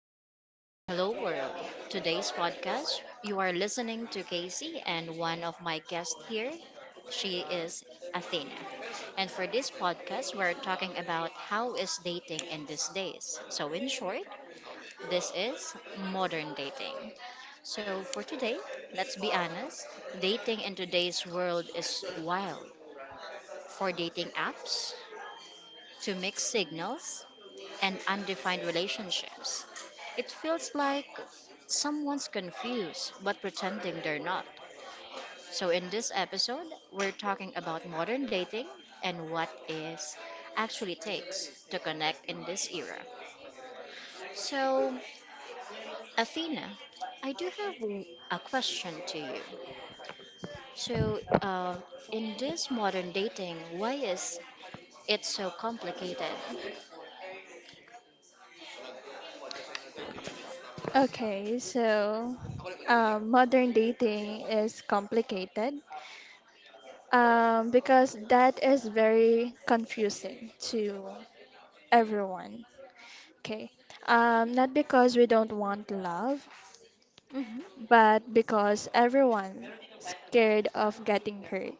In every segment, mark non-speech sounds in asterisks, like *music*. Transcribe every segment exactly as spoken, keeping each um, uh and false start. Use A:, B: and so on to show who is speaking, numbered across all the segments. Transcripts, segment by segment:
A: everyone, and hello, world. Today's podcast, you are listening to Casey and one of my guests here. She is Athena. And for this podcast, we're talking about how is dating in these days. So, in short, this is modern dating. So, for today, let's be honest dating in today's world is wild. For dating apps, to mixed signals, and undefined relationships. It feels like someone's confused but pretending they're not. So, in this episode, we're talking about modern dating and what is actually takes to connect in this era. So, Athena, I do have w- a question to you. So, uh, in this modern dating, why is it so complicated?
B: Okay, so uh, modern dating is complicated um, because that is very confusing to everyone. Okay, um, not because we don't want love,
A: Hmm.
B: but because everyone scared of getting hurt.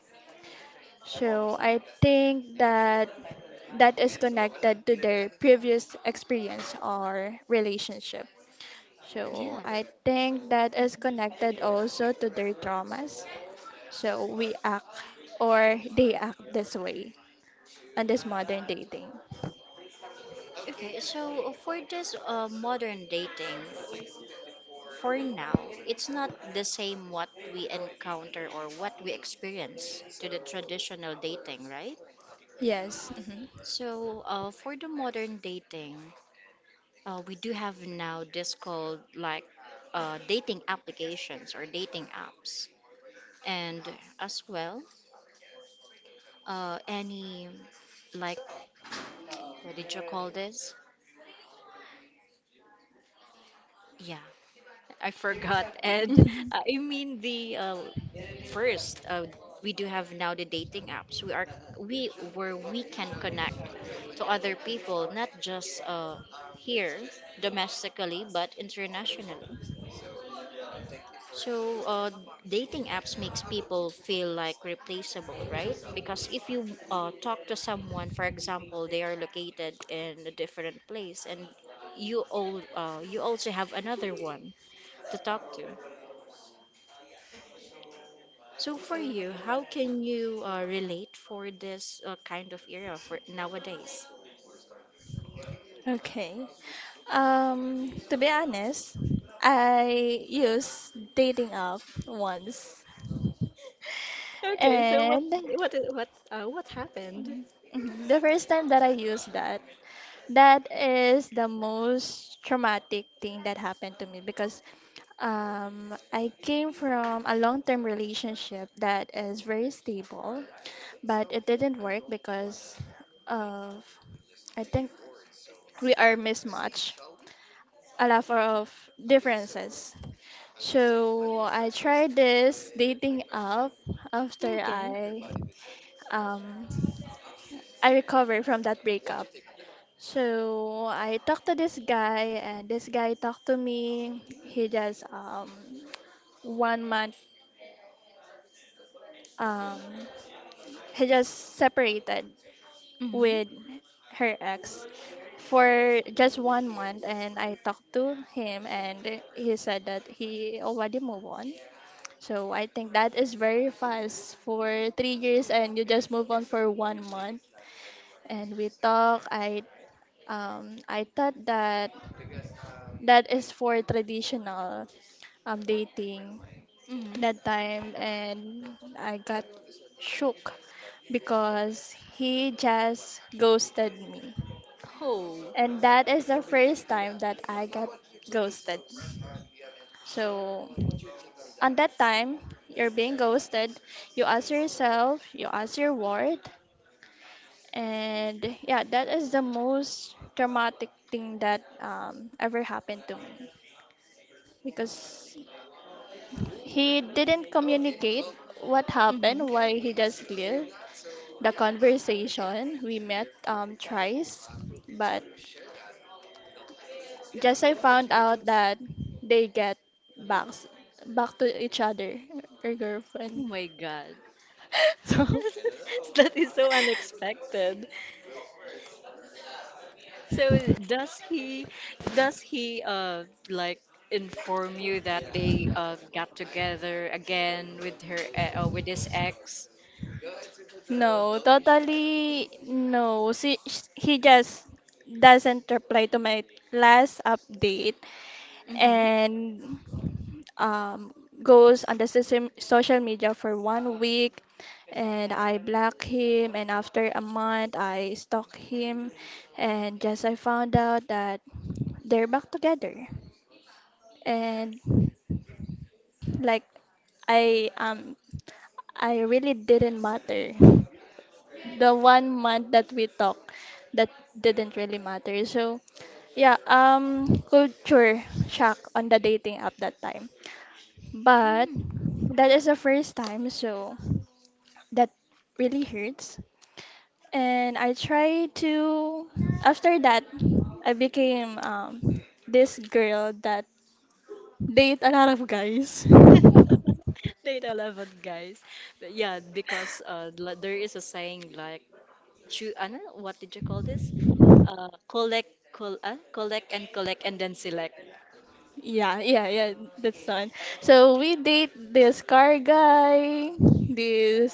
B: So I think that that is connected to their previous experience or relationship. So
A: Yeah.
B: I think that is connected also to their traumas. So we act or they act this way on this modern dating.
A: Okay. So for this uh, modern dating, for now, it's not the same what we encounter or what we experience to the traditional dating, right?
B: Yes. Mhm.
A: So, uh, for the modern dating, uh, we do have now this called like uh, dating applications or dating apps, and as well, uh, any like what did you call this? Yeah, I forgot. *laughs* And uh, I mean the uh, first uh, we do have now the dating apps. We are we where we can connect to other people, not just uh, here domestically, but internationally. So uh, dating apps makes people feel like replaceable, right? Because if you uh, talk to someone, for example, they are located in a different place, and you all uh, you also have another one to talk to. So for you, how can you uh, relate for this uh, kind of era for nowadays?
B: *laughs* Okay. Um, to be honest, I used dating app once,
A: Okay, so what
B: and
A: what i- what?
B: *laughs* mhm, the first time that I used that, that is the most traumatic thing that happened to me because um, I came from a long term relationship that is very stable, but it didn't work because of, I think, we are mismatched, a lot of differences. So I tried this dating app after
A: Okay.
B: I um, I recovered from that breakup. So I talked to this guy, and this guy talked to me. He just um one month um he just separated
A: Mm-hmm.
B: with her ex for just one month, and I talked to him, and he said that he already moved on. So I think that is very fast for three years, and you just move on for one month. And we talk. I um I thought that that is for traditional um, dating
A: Mm-hmm.
B: that time, and I got shook because he just ghosted me.
A: Oh.
B: And that is the first time that I got ghosted. So, on that time, you're being ghosted, you ask yourself, you ask your word, and yeah, that is the most traumatic thing that um, ever happened to me because he didn't communicate what
A: Mm-hmm.
B: happened, why he just cleared the conversation. We met um, thrice, but just I found out that they get back back to each other, her
A: Oh
B: girlfriend.
A: my God.
B: *laughs* So,
A: *laughs* That is so unexpected. So does he does he uh like inform you that they uh got together again with her uh, uh, with his ex?
B: no, totally no. She, sh- he just doesn't reply to my last update, and um, goes on the system, social media for one week, and I block him, and after a month I stalk him, and just I found out that they're back together, and like I um I really didn't matter the one month that we talk that didn't really matter. So yeah, um culture shock on the dating app that time. But
A: Mm-hmm.
B: that is the first time, so that really hurts. And I try to, after that, I became um this girl that date a lot of guys. *laughs*
A: *laughs* Date eleven, guys. But yeah, because uh, li- there is a saying like, choo- ano, what did you call this? Uh, collect, col uh, collect and collect and then select.
B: Yeah, yeah, yeah, that's the one. So we date this car guy, this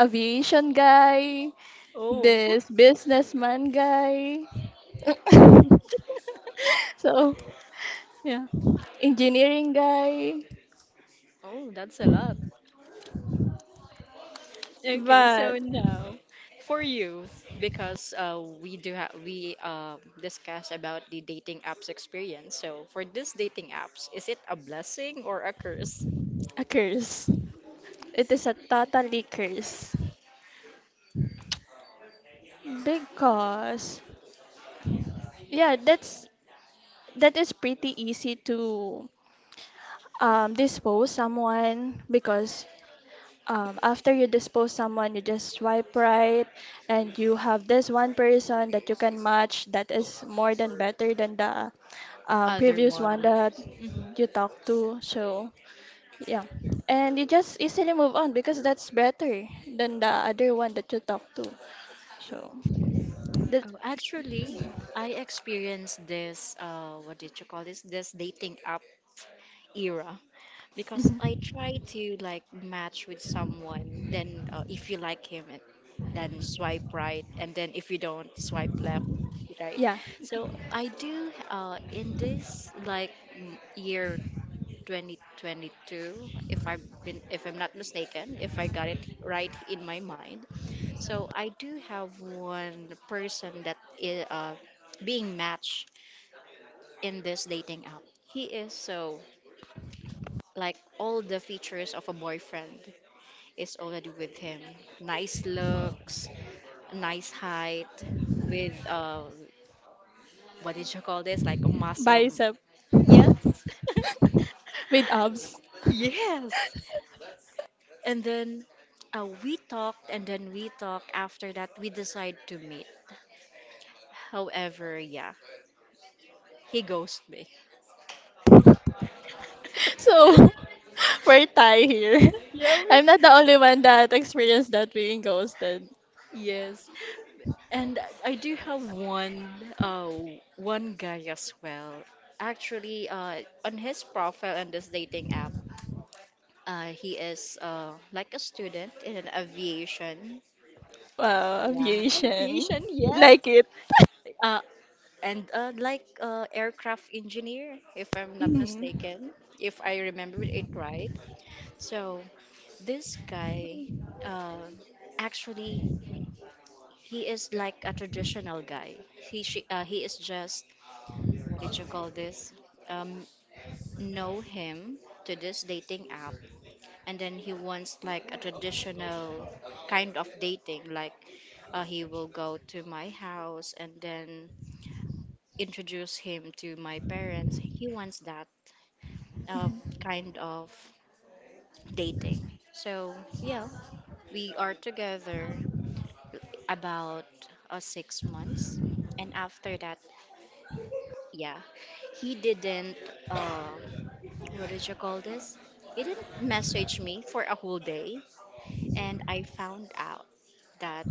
B: aviation guy,
A: Oh.
B: this businessman guy. *laughs*
A: *laughs*
B: So, yeah, engineering guy.
A: Oh, that's a lot. Okay, so
B: But
A: now for you, because uh, we do have we uh, discussed about the dating apps experience. So for this dating apps, is it a blessing or a curse?
B: a curse. It is a totally curse. Because yeah, that's that is pretty easy to um dispose someone because um, after you dispose someone, you just swipe right, and you have this one person that you can match that is more than better than the um,
A: Other
B: previous one
A: one.
B: that you talked to. So yeah, and you just easily move on because that's better than the other one that you talked to. So that,
A: Oh, actually, I experienced this, uh, what did you call this? This dating app era. Because I try to like match with someone, then uh, if you like him, and- then swipe right, and then if you don't, swipe left, right?
B: yeah,
A: So I do uh, in this like m- year twenty twenty-two, if I've been, if I'm not mistaken, if I got it right in my mind, so I do have one person that is uh, being matched in this dating app. He is so like all the features of a boyfriend is already with him. Nice looks, nice height, with uh, what did you call this? Like a muscle.
B: bicep
A: Yes. *laughs*
B: with abs. *laughs*
A: And then uh, we talked, and then we talked. After that, we decide to meet. However, yeah, he ghosted me.
B: So *laughs* we're tie here.
A: *laughs* Yeah.
B: *laughs* I'm not the only one that experienced that being ghosted.
A: Yes. And I I do have one uh one guy as well. Actually, uh on his profile on this dating app, uh he is uh like a student in an aviation.
B: Wow,
A: Yeah.
B: aviation. Like it.
A: Uh and uh like uh aircraft engineer if I'm not
B: Mhm.
A: mistaken, if I remember it right. So this guy uh actually he is like a traditional guy. He she, uh, he is just what did you call this? Um, know him to this dating app, and then he wants like a traditional kind of dating, like uh, he will go to my house and then introduce him to my parents. He wants that uh, kind of dating. So yeah, we are together about uh, six months, and after that yeah he didn't um what did you call this he didn't message me for a whole day and I found out that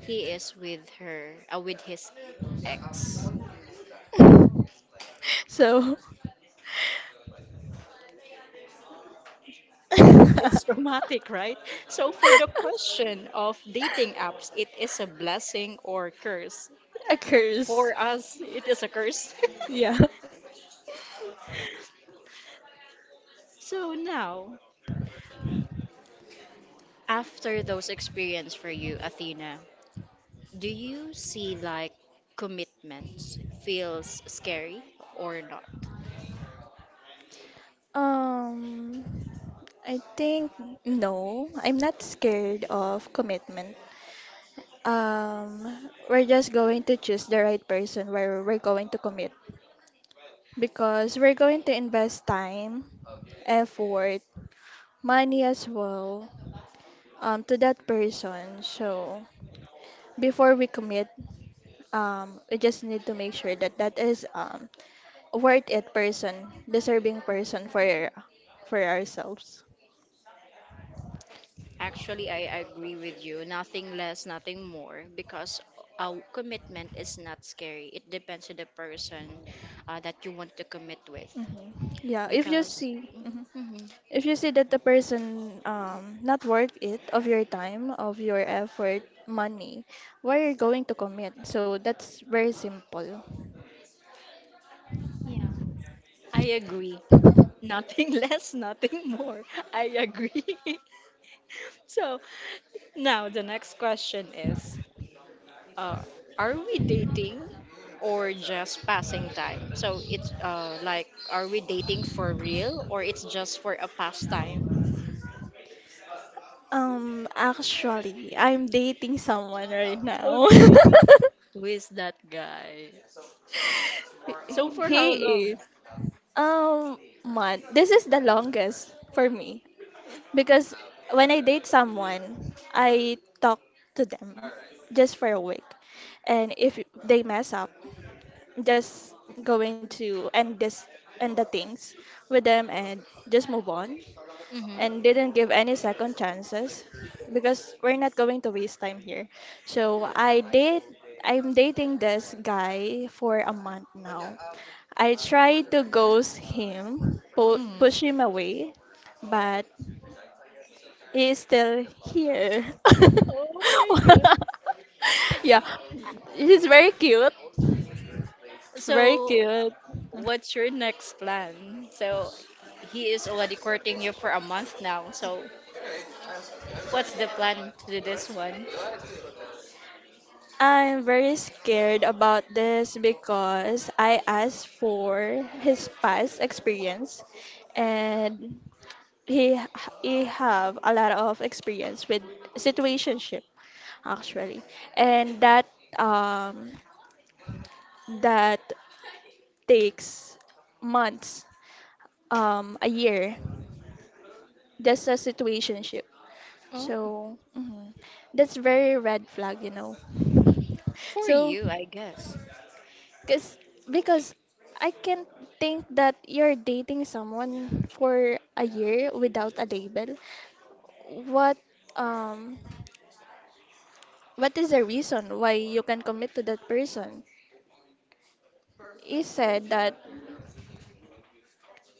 A: he is with her uh, with his ex.
B: So,
A: *laughs* It's
B: *laughs*
A: traumatic right so for the question of dating apps it is a blessing or curse
B: a curse.
A: for us it is a curse.
B: Yeah.
A: *laughs* So now after those experience for you Athena, do you see like commitments feels scary or not?
B: Um, I think no, I'm not scared of commitment. Um, we're just going to choose the right person where we're going to commit. Because we're going to invest time, effort, money as well um, to that person. So before we commit, um, we just need to make sure that that is um, a worth it person, deserving person for for ourselves.
A: Actually, I agree with you. Nothing less, nothing more, because a commitment is not scary. It depends on the person uh, that you want to commit with.
B: Hmm. Yeah, if you
A: Because,
B: see. Mm-hmm.
A: mhm,
B: If you see that the person um not worth it of your time, of your effort, money, why are you going to commit? So that's very simple.
A: yeah, I agree. Nothing *laughs* less, nothing more. I agree. *laughs* So now the next question is uh, are we dating or just passing time? So it's uh, like, are we dating for real or it's just for a pastime?
B: Um, actually, I'm dating someone right now.
A: Okay.
B: *laughs*
A: Who is that guy? So for how
B: He is.
A: long?
B: Um, month. This is the longest for me. Because when I date someone, I talk to them just for a week. And if they mess up, just going to end this end the things with them and just move on,
A: Mm-hmm.
B: and didn't give any second chances, because we're not going to waste time here. So I did, I'm dating this guy for a month now. I tried to ghost him, pu- push
A: Mm.
B: him away, but is still here.
A: Oh my
B: *laughs*
A: God.
B: Yeah, he's very cute. Very
A: So
B: cute.
A: what's your next plan? So he is already courting you for a month now. So what's the plan to do this one?
B: I'm very scared about this because I asked for his past experience, and he he have a lot of experience with situationship actually, and that um that takes months um a year. Just a situationship.
A: Oh,
B: So, mhm. That's very red flag, you know. *laughs*
A: for
B: So,
A: you, I guess.
B: cause, because I can think that you're dating someone for a year without a label. What um what is the reason why you can commit to that person? He said that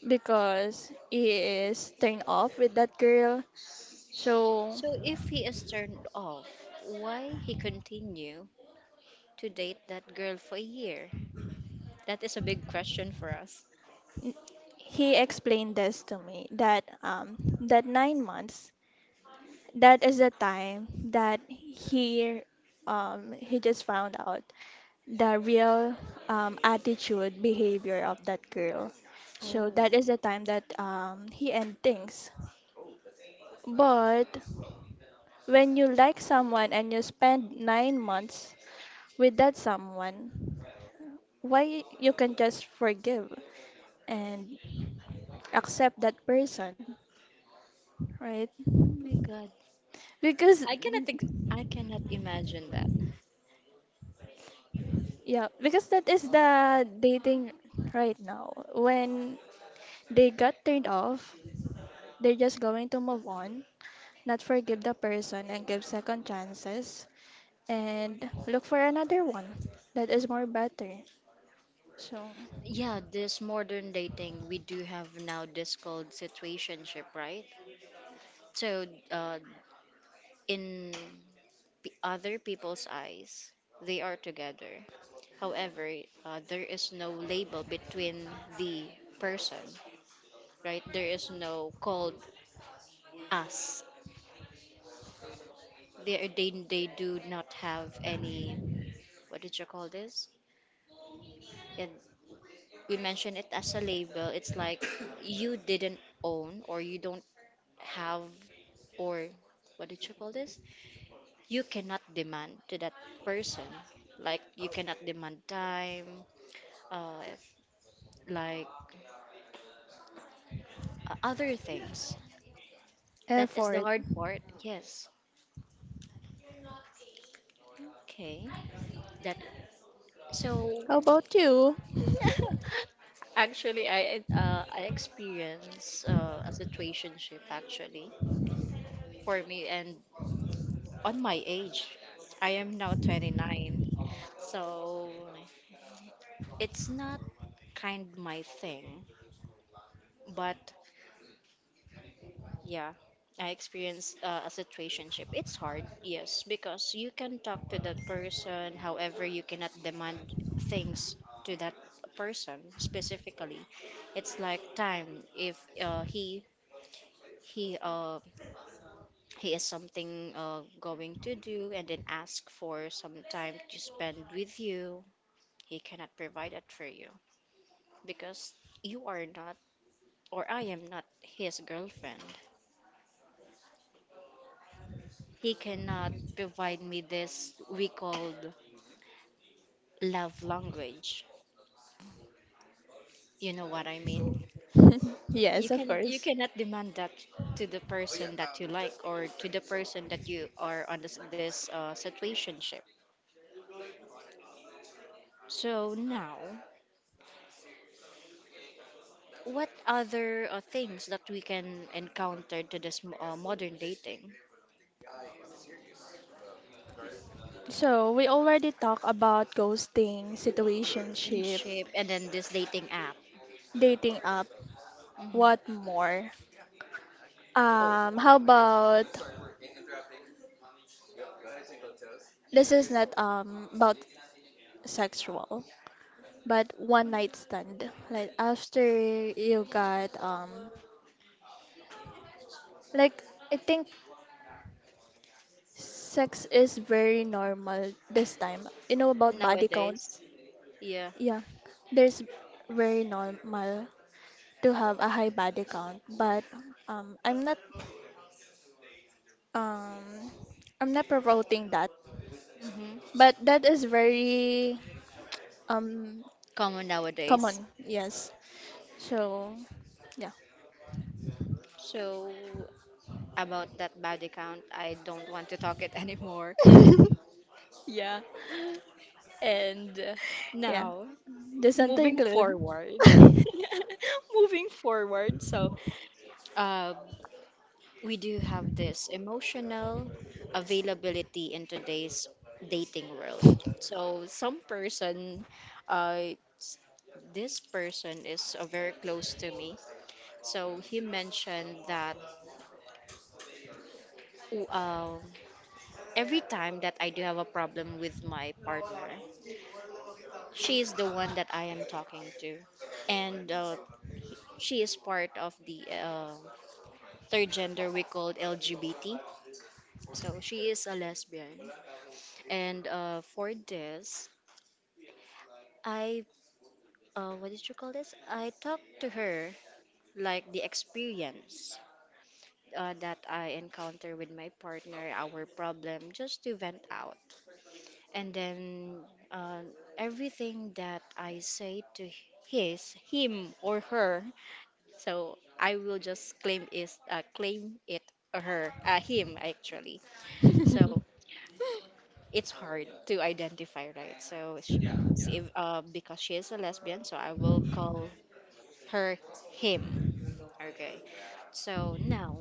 B: because he is turned off with that girl. So
A: So if he is turned off, why he continue to date that girl for a year? That is a big question for us.
B: he explained this to me that um, that nine months, that is the time that he um, he just found out the real um, attitude behavior of that girl, so that
A: Oh.
B: is the time that um, he end things. But when you like someone and you spend nine months with that someone, why you can just forgive and accept that person, right?
A: Oh my God.
B: Because
A: I cannot ex- I cannot imagine that.
B: yeah, because that is the dating right now. When they got turned off, they're just going to move on, not forgive the person and give second chances and look for another one that is more better. So,
A: Yeah, this modern dating, we do have now this called situationship, right? So, uh, in p- Other people's eyes, they are together. However, uh, there is no label between the person, right? There is no called us. They they they do not have any what did you call this? And we mention it as a label. It's like you didn't own or you don't have or what did you call this? You cannot demand to that person. Like you cannot demand time, uh, like uh, other things. That is the
B: effort.
A: hard part. Yes. Okay. That so.
B: How about you?
A: *laughs* Actually, I uh, I experience uh, a situationship actually for me and on my age. I am now twenty-nine. So it's not kind my thing, but yeah, I experienced uh, a situationship. It's hard, yes, because you can talk to that person, however, you cannot demand things to that person specifically. It's like time if uh, he he uh he has something uh going to do and then ask for some time to spend with you, he cannot provide that for you because you are not or I am not his girlfriend. He cannot provide me this we called love language, you know what I mean?
B: *laughs*
A: you
B: Yes, of
A: can you
B: course.
A: cannot demand that to the person that you like or to the person that you are on this, this uh, situationship. So now what other uh, things that we can encounter to this m- uh, modern dating,
B: So, we already talked about ghosting, situationship,
A: friendship, and then this dating app?
B: dating app.
A: Hmm.
B: What more?
A: Oh,
B: Um, how about this is not um about sexual, but one night stand. Like after you got um like I think sex is very normal this time. You know about body count?
A: nowadays, yeah,
B: Yeah. There's very normal to have a high body count, but um I'm not um I'm not promoting that.
A: hmm,
B: But that is very um
A: common nowadays.
B: common, yes. So yeah.
A: So about that body count, I don't want to talk it anymore. *laughs* Yeah, and uh,
B: Yeah.
A: now
B: Doesn't
A: moving
B: include.
A: forward,
B: *laughs*
A: *laughs* moving forward. So, uh, we do have this emotional availability in today's dating world. So some person, uh, s- this person is uh, very close to me. So he mentioned that, "Oh, um, every time that I do have a problem with my partner, she is the one that I am talking to, and uh, he- she is part of the uh, third gender we called L G B T. So she is a lesbian. And uh, for this, I, uh, what did you call this? I talked to her like the experience uh, that I encounter with my partner, our problem, just to vent out. And then uh, everything that I say to his, him, or her, so I will just claim is uh, claim it her, uh, him actually. So it's hard to identify, right? So, sh- so if, uh, because she is a lesbian, so I will call her him. Okay. So now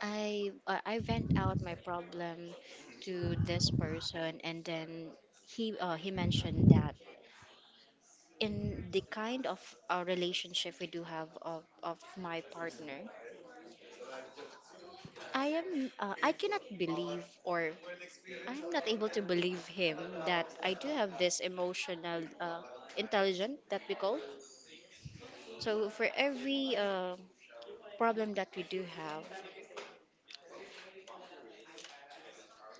A: I uh, I vent out my problem to this person, and then he uh, he mentioned that in the kind of uh, relationship we do have of, of my partner, I am uh, I cannot believe or I'm not able to believe him that I do have this emotional uh, intelligence that we call. So for every uh, problem that we do have,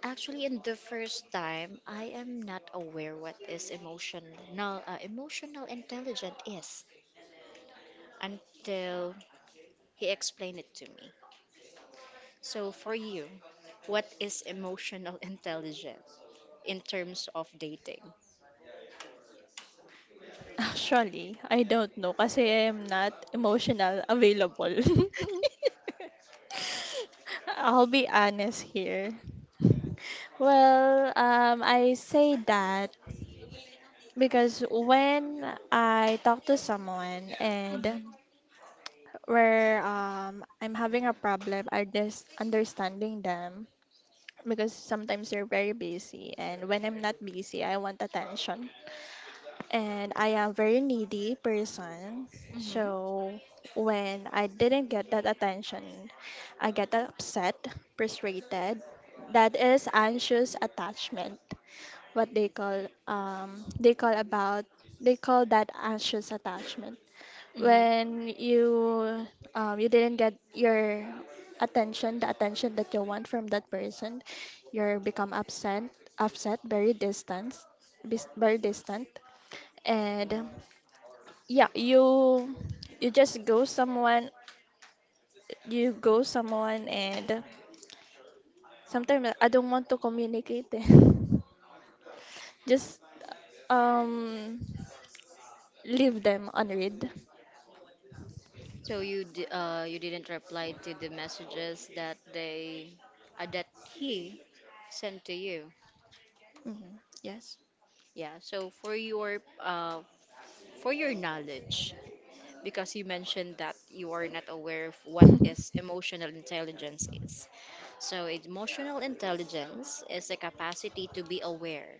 A: actually in the first time, I am not aware what is emotional uh, emotional intelligence is until he explained it to me. So for you, what is emotional *laughs* intelligence in terms of dating?
B: Actually, I don't know kasi I am not emotional available. *laughs* I'll be honest here. Well, um, I say that because when I talk to someone and where um, I'm having a problem, I just understanding them because sometimes they're very busy, and when I'm not busy, I want attention. And I am very needy person.
A: Mm-hmm.
B: So when I didn't get that attention, I get upset, frustrated. That is anxious attachment. What they call um they call about they call that anxious attachment when you um, you didn't get your attention, the attention that you want from that person. You become upset upset very distant bis- very distant And um, yeah, you you just go someone. You go someone and sometimes I don't want to communicate eh. *laughs* Just um leave them unread.
A: So you d uh you didn't reply to the messages that they uh, that he sent to you.
B: Mhm, yes.
A: Yeah. So for your uh for your knowledge, because you mentioned that you are not aware of what is emotional intelligence is. So emotional intelligence is the capacity to be aware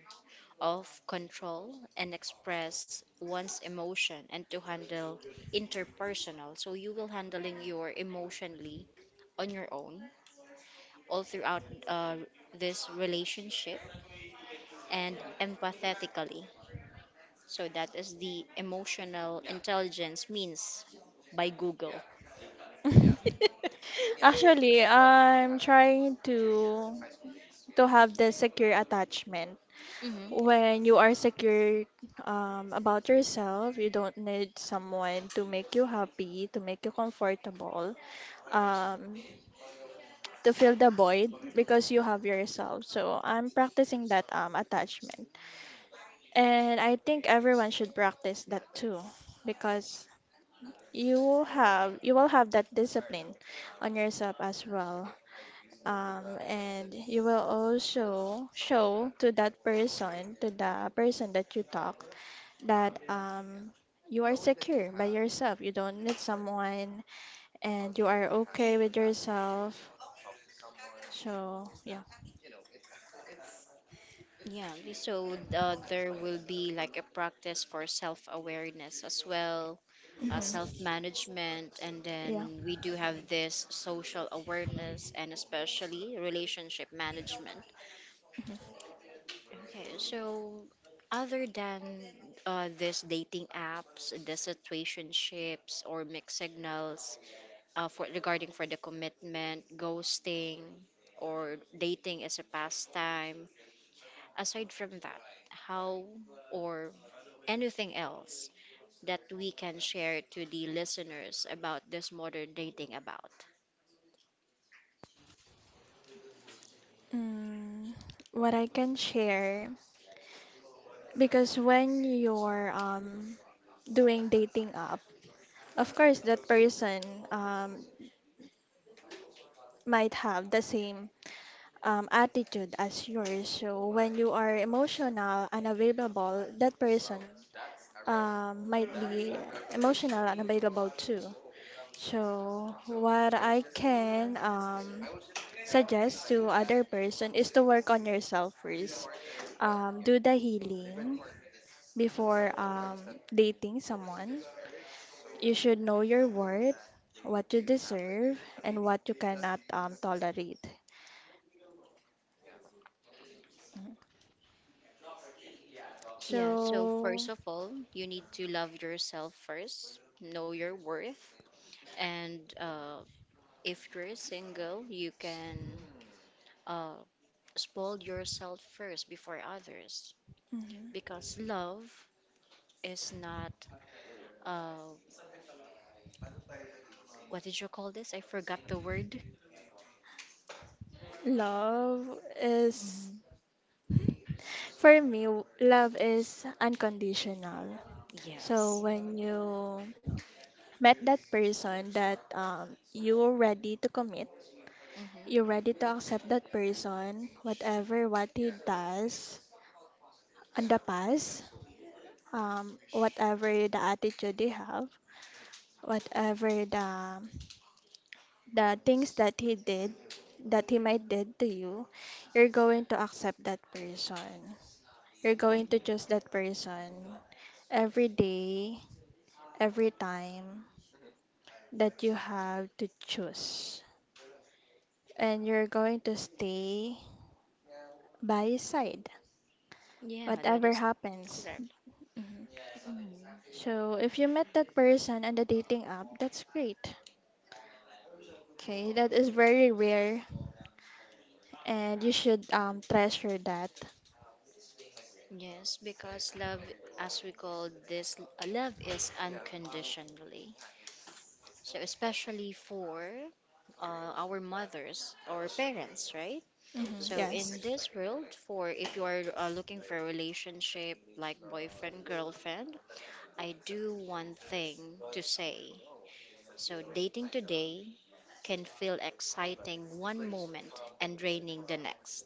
A: of control and express one's emotion and to handle interpersonal. So you will handling your emotionally on your own all throughout uh, this relationship and empathetically. So that is the emotional intelligence means by Google.
B: *laughs* *laughs*
A: *laughs*
B: Actually, I'm trying to to have the secure attachment.
A: hmm
B: When you are secure um, about yourself, you don't need someone to make you happy, to make you comfortable, um, to fill the void because you have yourself. So I'm practicing that um, attachment, and I think everyone should practice that too, because you have you will have that discipline on yourself as well, um, and you will also show to that person, to the person that you talk, that um, you are secure by yourself. You don't need someone, and you are okay with yourself. So yeah,
A: Yeah, so uh, there will be like a practice for self awareness as well, uh,
B: hmm,
A: self-management. And
B: yeah.
A: then we do have this social awareness and especially relationship management.
B: Mm-hmm.
A: Okay, so other than uh, this dating apps, the situationships or mixed signals, uh, for regarding for the commitment ghosting or dating as a pastime, aside from that, how or anything else that we can share to the listeners about this modern dating about?
B: Mm, what I can share, because when you're um doing dating app, of course that person um might have the same um, attitude as yours. So when you are emotional and available, that person um, might be emotional and available too. So what I can um, suggest to other person is to work on yourself first. Um, do the healing before um, dating someone. You should know your worth, what you deserve, and what you cannot um, tolerate. Mm.
A: Yeah, so
B: So.
A: first of all, you need to love yourself first, know your worth, and uh, if you're single, you can uh, spoil yourself first before others,
B: Mhm.
A: because love is not uh, what did you call this? I forgot the word.
B: Love is,
A: Mhm.
B: for me, w- love is unconditional. So
A: Yes.
B: when you met that person that um, you're ready to commit, you're
A: Mm-hmm.
B: ready to accept that person, whatever what he does on the past, um, whatever the attitude he have, whatever the the things that he did, that he might did to you, you're going to accept that person. You're going to choose
A: Mm-hmm.
B: that person every day, every time that you have to choose. And you're going to stay by his side,
A: Yeah, that
B: whatever
A: is
B: happens.
A: correct.
B: Mhm.
A: Hmm.
B: So, if you met that person on the dating app, that's great. Okay, that is very rare, and you should um, treasure that.
A: Yes, because love, as we call this, uh, love is unconditionally. So, especially for uh, our mothers or parents, right?
B: Mhm,
A: So,
B: yes.
A: in this world, for if you are uh, looking for a relationship like boyfriend, girlfriend, I do one thing to say. So, dating today can feel exciting one moment and draining the next.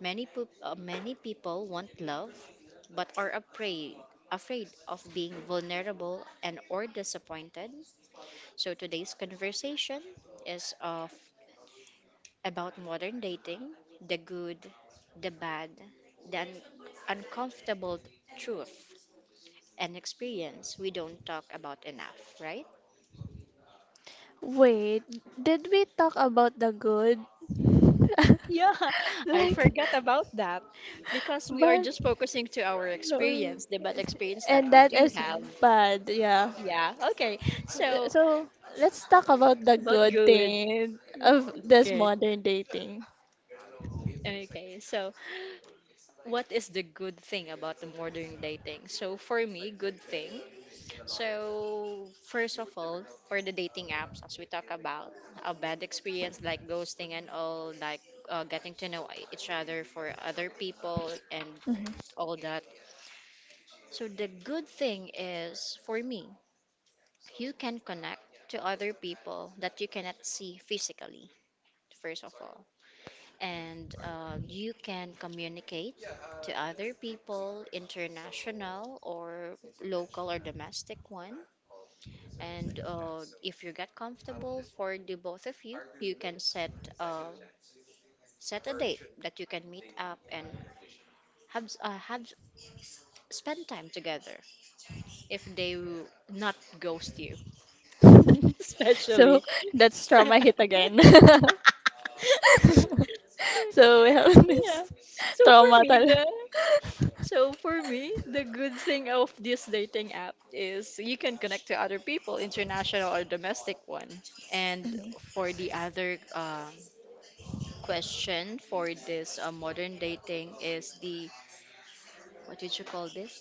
A: Many, po- uh, many people want love, but are afraid afraid of being vulnerable and or disappointed. So today's conversation is of about modern dating, the good, the bad, the un- uncomfortable truth and experience we don't talk about enough, right?
B: Wait, did we talk about the good? *laughs*
A: Yeah, *laughs* I
B: Like,
A: forgot about that, because we are
B: but.
A: just focusing to our
B: So,
A: experience, the bad experience that
B: and
A: we
B: that
A: do
B: is
A: have.
B: bad, yeah.
A: Yeah, okay. So.
B: So, let's talk about the
A: But
B: good
A: good.
B: thing of this
A: Okay.
B: modern dating.
A: Okay, so what is the good thing about the modern dating? So for me, good thing. So first of all, for the dating apps, as we talk about a bad experience like ghosting and all, like uh, getting to know each other for other people and
B: Mhm.
A: all that. So the good thing is, for me, you can connect to other people that you cannot see physically, first of all. And uh, you can communicate to other people, international or local or domestic one. And uh, if you get comfortable for the both of you, you can set uh, set a date that you can meet up and have uh, have spend time together. If they will not ghost you, *laughs*
B: *laughs* So,
A: especially.
B: that's trauma hit
A: *laughs*
B: again. *laughs* So, we have
A: Yeah.
B: this
A: So for
B: trauma
A: me,
B: tal.
A: the
B: *laughs*
A: So for me, the good thing of this dating app is you can connect to other people, international or domestic one. And
B: Mhm.
A: for the other um, question for this uh, modern dating is the what did you call this?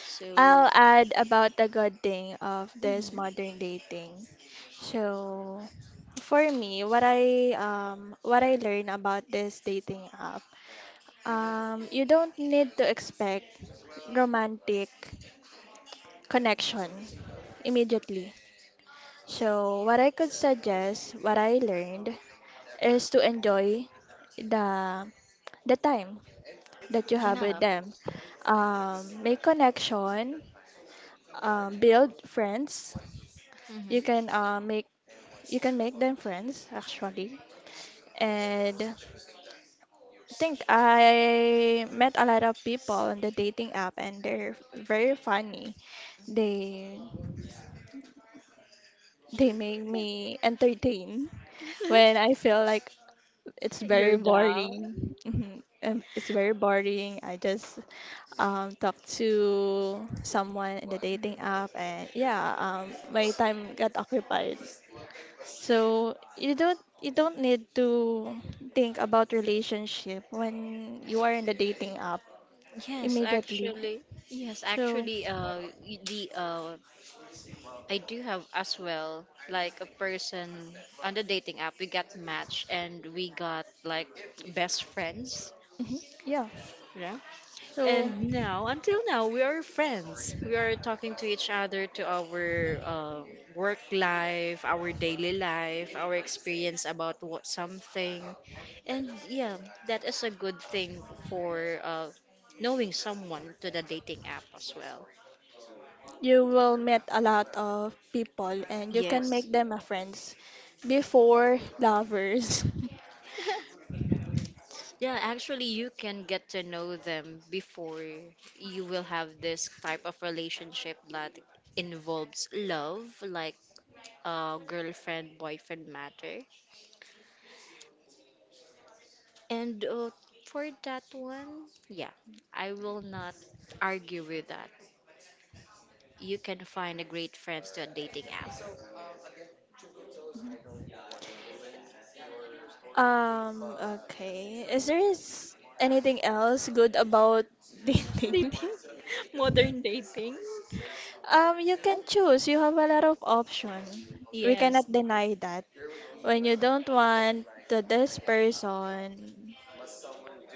A: So
B: I'll add about the good thing of this
A: mhm,
B: modern dating. So, for me, what I um what I learned about this dating app, um, you don't need to expect romantic connection immediately. So, what I could suggest, what I learned, is to enjoy the the time that you have
A: yeah,
B: with them. Um, make connection, um, build friends. You
A: hmm.
B: can uh, make you can make them friends actually. And I think I met a lot of people on the dating app, and they're very funny. They they make me entertain when
A: *laughs*
B: I feel like it's very
A: You're down.
B: boring. Mhm. Um, It's very boring. I just um, talk to someone in the dating app, and yeah, um, my time got occupied. So you don't you don't need to think about relationship when you are in the dating app
A: Yes,
B: immediately.
A: actually. Yes,
B: So
A: actually, uh, y- the uh, I do have as well, like a person on the dating app. We got matched and we got like best friends,
B: mhm, yeah.
A: you know.
B: So
A: And now, until now, we are friends. We are talking to each other, to our um work life, our daily life, our experience about what something, and yeah, that is a good thing for uh, knowing someone to the dating app as well.
B: you will meet a lot of people and you can
A: Yes.
B: make them a friends before lovers. *laughs*
A: *laughs* Yeah, actually, you can get to know them before you will have this type of relationship that involves love, like uh, girlfriend boyfriend matter. And uh, for that one, yeah, I will not argue with that. You can find a great friends to a dating app.
B: Um, okay. Is there is anything else good about *laughs*
A: *laughs*
B: dating?
A: Dating, modern dating.
B: Um, you can choose. You have a lot of option. We
A: Yes,
B: cannot deny that. When you don't want to this person,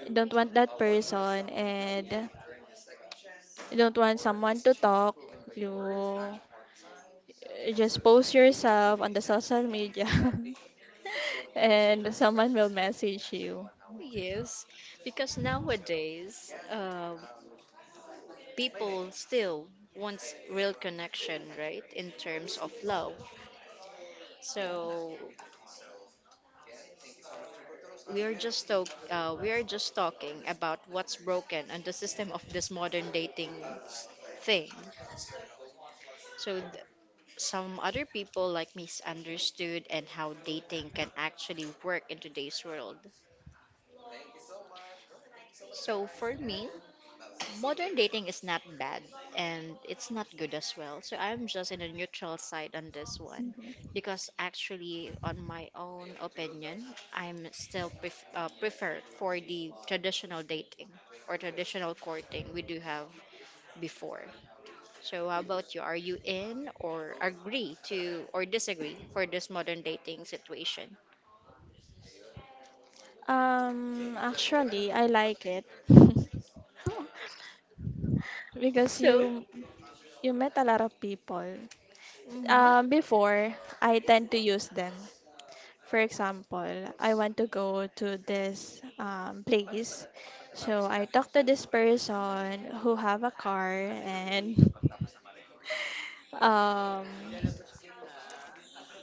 B: you don't want that person, and you don't want someone to talk, you, you just post yourself on the social media, *laughs*
A: *laughs*
B: and someone will message you.
A: yes, because nowadays, uh, people still wants real connection, right? In terms of love. So we are just talk, uh, we are just talking about what's broken and the system of this modern dating thing. So th- some other people like misunderstood and how dating can actually work in today's world. So for me, modern dating is not bad and it's not good as well. So I'm just in a neutral side on this one, because actually, on my own opinion, I'm still pref- uh, preferred for the traditional dating or traditional courting we do have before. So how about you? Are you in or agree to or disagree for this modern dating situation?
B: Um, actually, I like it
A: *laughs*
B: *laughs* because
A: So,
B: you you met a lot of people.
A: hmm.
B: Um, before I tend to use them. For example, I want to go to this um, place. So I talk to this person who have a car and *laughs* um,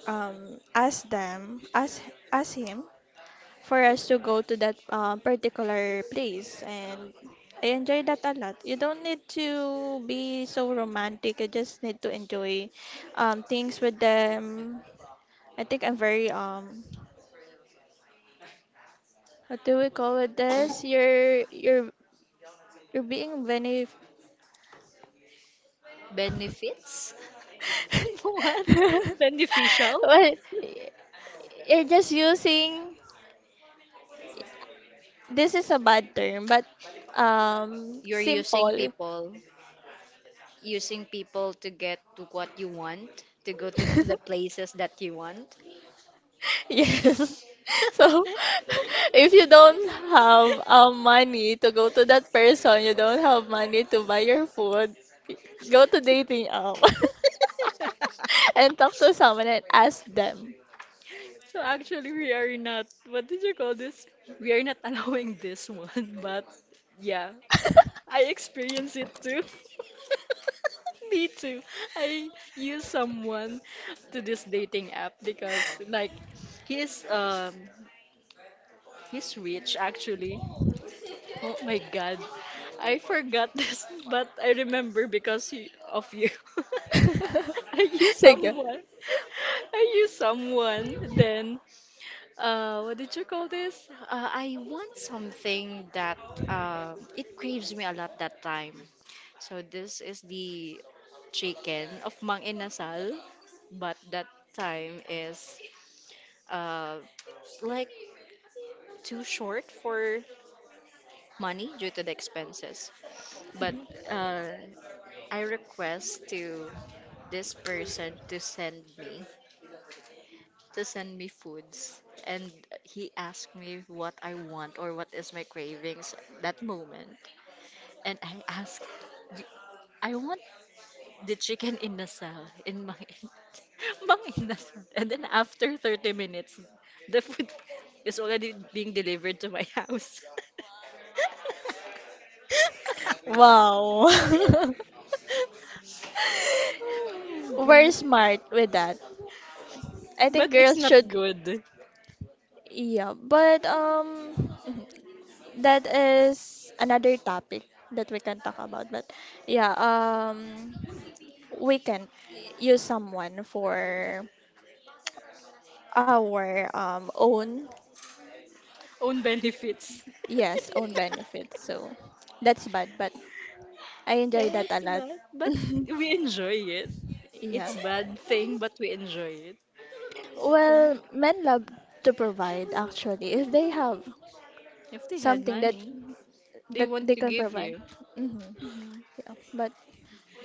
B: um, ask them, ask, ask him for us to go to that um, particular place. And I enjoy that a lot. You don't need to be so romantic. You just need to enjoy um, things with them. I think I'm very um, what do we call it this? You're you're you're being benef
A: Benefits? *laughs* What?
B: *laughs*
A: Beneficial?
B: well, you're just using, this is a bad term, but um
A: You're using
B: simple.
A: people, using people to get to what you want, to go to p- the
B: *laughs*
A: places that you want.
B: Yes. *laughs* So
A: *laughs*
B: *laughs* if you don't have um, money to go to that person, you don't have money to buy your food, go to dating app *laughs* and talk to someone and ask them.
A: So actually, we are not, what did you call this? We are not allowing this one, *laughs* but yeah, I experience it too. *laughs* Me too. I use someone to this dating app because like he's um he's rich actually. Oh my God. I forgot this, but I remember because you- of you. *laughs* Are you
B: *laughs* Sige.
A: someone? *laughs* Are you someone? Then, uh, what did you call this? Uh, I want something that uh, it craves me a lot that time. So this is the chicken of Mang Inasal, but that time is uh, like too short for money due to the expenses. But uh, I request to this person to send me to send me foods, and he asked me what I want or what is my cravings that moment, and I asked, "Do- I want the chicken inasal in my *laughs* mang inasal," and then after thirty minutes the food *laughs* is already being delivered to my house. *laughs*
B: Wow.
A: *laughs* Oh
B: *laughs*
A: my
B: We're
A: God.
B: smart with that. I
A: But
B: think
A: it's
B: girls
A: not
B: should,
A: good.
B: yeah, but um *laughs* that is another topic that we can talk about. But yeah, um we can use someone for our um own,
A: Own benefits.
B: yes,
A: *laughs*
B: own benefit. So that's bad, but I
A: Yeah,
B: enjoy that
A: it's
B: a lot.
A: bad. But we enjoy it.
B: *laughs*
A: It's
B: Yeah.
A: bad thing, but we enjoy it.
B: Well, men love to provide actually if they have
A: If they had
B: something that
A: money, they
B: that
A: want
B: they
A: to
B: can
A: give
B: provide.
A: you.
B: Hmm. Yeah, but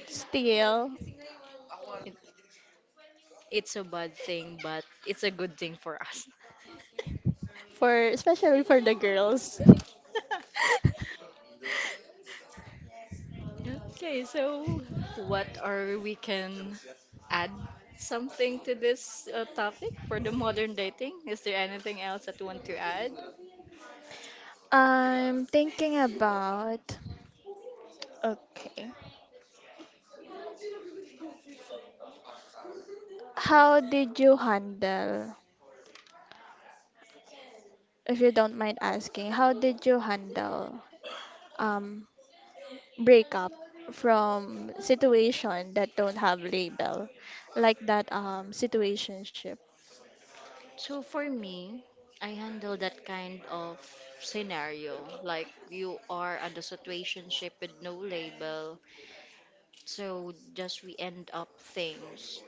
B: still,
A: It, it's a bad thing, but it's a good thing for us.
B: for especially for the girls,
A: *laughs*
B: *laughs*
A: Okay, so what are we can add something to this uh, topic for the modern dating? Is there anything else that you want to add?
B: I'm thinking about, okay. How did you handle, if you don't mind asking, how did you handle um breakup from situation that don't have label, like that um situationship?
A: So for me, I handle that kind of scenario. Like you are at a situationship with no label. So just we end up things.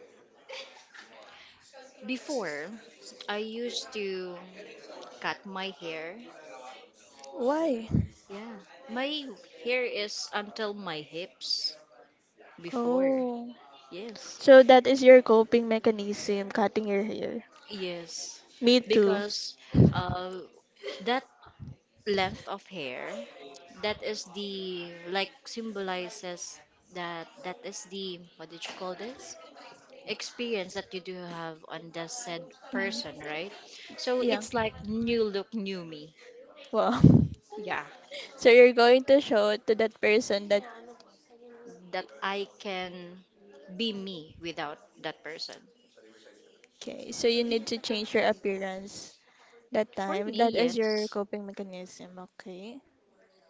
A: Before, I used to cut my hair.
B: Why?
A: Yeah. My hair is until my hips before.
B: Oh.
A: Yes.
B: So that is your coping mechanism, cutting your hair.
A: Yes.
B: Me too.
A: Because uh, that length of hair, that is the like symbolizes that that is the what did you call this experience that you do have on the said person,
B: Mhm.
A: right? So
B: Yeah.
A: it's like new look new me.
B: Wow. *laughs*
A: Yeah,
B: So you're going to show to that person that
A: that I can be me without that person.
B: okay, so you need to change your appearance that
A: For
B: time.
A: me,
B: That is your
A: yes.
B: coping mechanism, okay?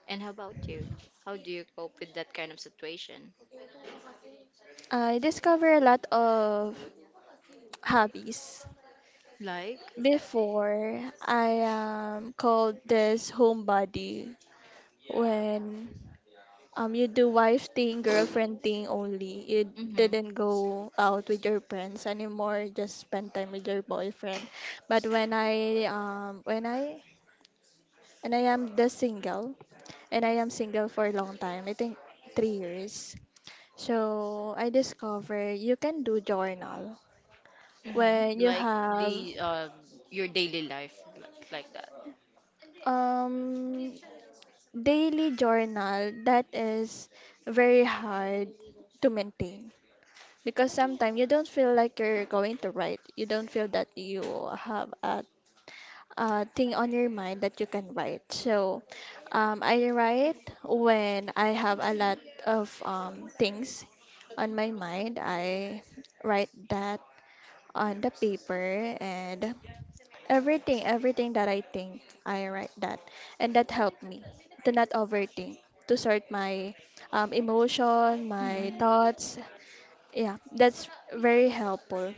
A: And how about you, how do you cope with that kind of situation?
B: I discover a lot of hobbies.
A: Like,
B: Before I um called this homebody when Um, you do wife thing, girlfriend thing only. You
A: mm-hmm,
B: didn't go out with your friends anymore, just spend time with your boyfriend. But when I um when I and I am the single and I am single for a long time, I think three years. So I discover you can do journal
A: mm-hmm.
B: when you
A: Like
B: have
A: the uh, your daily life li- like that.
B: um daily journal that is very hard to maintain. Because sometimes you don't feel like you're going to write. You don't feel that you have a, a thing on your mind that you can write. So um, I write when I have a lot of um, things on my mind. I write that on the paper and everything, everything that I think, I write that. And that helped me to not overthink, to sort my um, emotion, my thoughts, yeah, that's very helpful.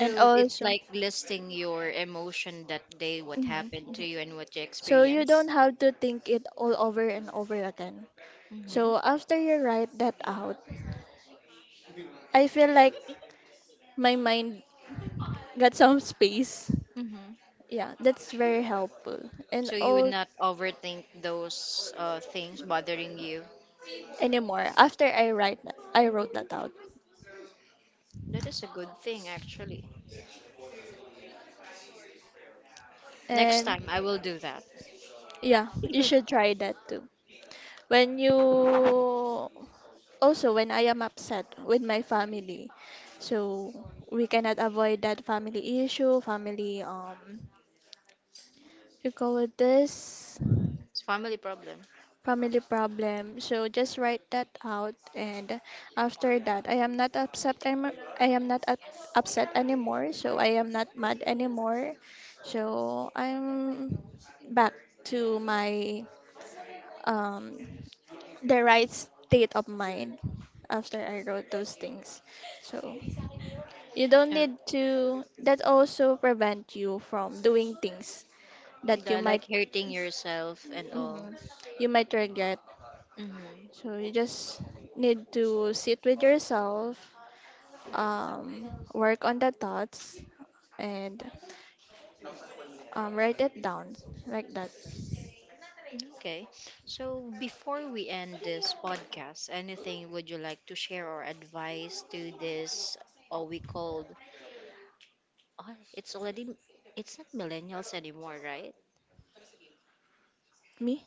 B: And
A: it's
B: also,
A: like listing your emotion that day, what
B: mhm,
A: happened to you and what you
B: so you don't
A: experienced.
B: have to think it all over and over again.
A: Hmm.
B: So after you write that out, I feel like my mind got some *laughs* space.
A: Mm-hmm.
B: Yeah, that's very helpful. And
A: So you would
B: all
A: not overthink those uh, things bothering you.
B: anymore after I write that, I wrote
A: Mhm.
B: that out.
A: That is a good thing, actually. Next
B: And
A: time, I will do that.
B: yeah, you should
A: *laughs*
B: try that too. When you also when I am upset with my family. So we cannot avoid that family issue, family um you call it this
A: It's family problem.
B: family problem. So just write that out and after that I am not upset I'm, I am not up, upset anymore. So I am not mad anymore. So I'm back to my um the right state of mind after I wrote those things. So you don't
A: Oh,
B: need to, that also prevent you from doing things that you
A: the,
B: might,
A: like hurting yourself and all.
B: mhm, you might regret.
A: Hmm.
B: So you just need to sit with yourself, um, work on the thoughts and um, write it down like that.
A: Okay. So before we end this podcast, anything would you like to share or advice to this, or we called, oh, it's already, it's not millennials anymore, right?
B: Me?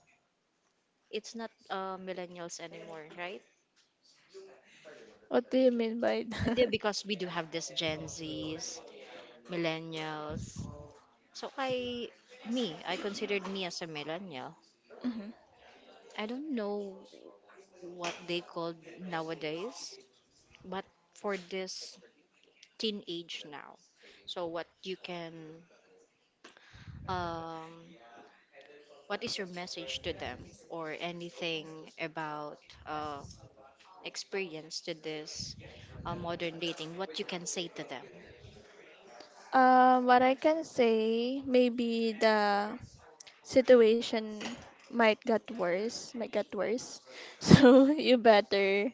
A: It's not uh, millennials anymore, right?
B: What do you mean by
A: And they-
B: that?
A: because
B: *laughs*
A: we do have this Gen Zs, millennials. So I, me, I considered me as a millennial.
B: Mhm.
A: I don't know what they call nowadays, but for this teenage now. So what you can, um, what is your message to them or anything about uh, experience to this uh, modern dating, what you can say to them?
B: Um, what I can say, maybe the situation might get worse, might get worse. *laughs* So you better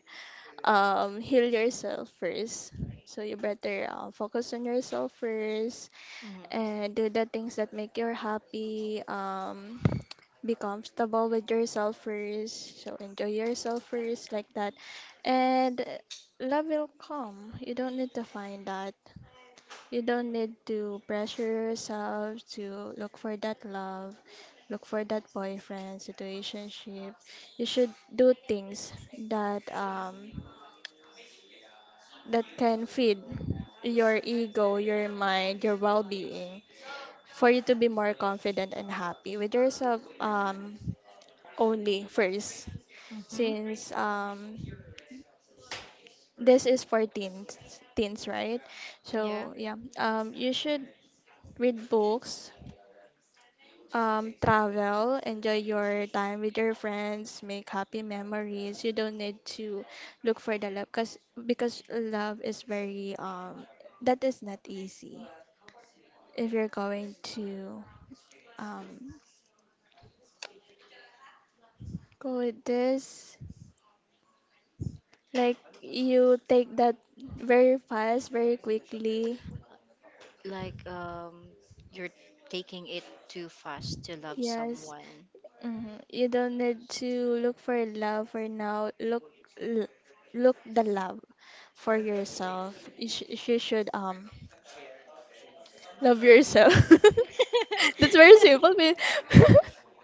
B: um, heal yourself first. So you better uh, focus on yourself first
A: Mhm.
B: and do the things that make you happy. Um, be comfortable with yourself first. So enjoy yourself first, like that. And love will come. You don't need to find that. You don't need to pressure yourself to look for that love, look for that boyfriend, situationship. You should do things that um that can feed your ego, your mind, your well being for you to be more confident and happy with yourself um, only first.
A: Mm-hmm.
B: Since um, this is for teens, teens, right?
A: Yeah.
B: So, yeah, um, you should read books. Um, travel, enjoy your time with your friends, make happy memories. You don't need to look for the love because because love is very um that is not easy. If you're going to um go with this, like you take that very fast, very quickly.
A: Like um, you're taking it too fast to love
B: Yes.
A: someone.
B: Hmm. You don't need to look for love for now. Look, l- look the love for yourself. You, sh- you should um love yourself. *laughs* That's very simple,
A: *laughs*
B: but *laughs*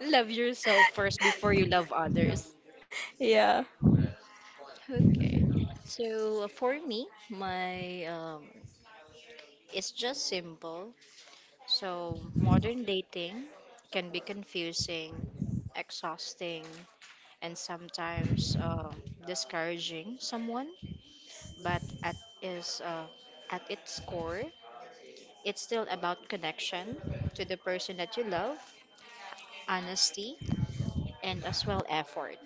A: Love yourself first before you love others.
B: yeah.
A: Okay. So uh, for me, my um, it's just simple. So modern dating can be confusing, exhausting, and sometimes um, discouraging someone, but at is uh, at its core, it's still about connection to the person that you love, honesty, and as well effort.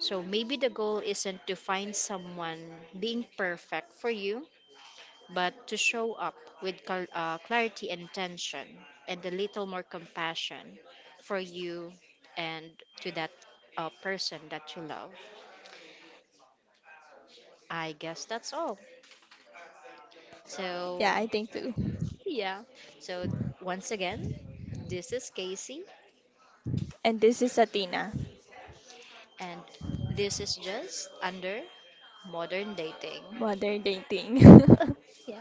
A: So maybe the goal isn't to find someone being perfect for you, but to show up with cal- uh, clarity and intention, and a little more compassion for you and to that uh, person that you love. I guess that's all. So
B: Yeah, I think too.
A: yeah. So once again, this is Casey,
B: And this is Athena.
A: and this is just under modern dating.
B: Modern dating. *laughs*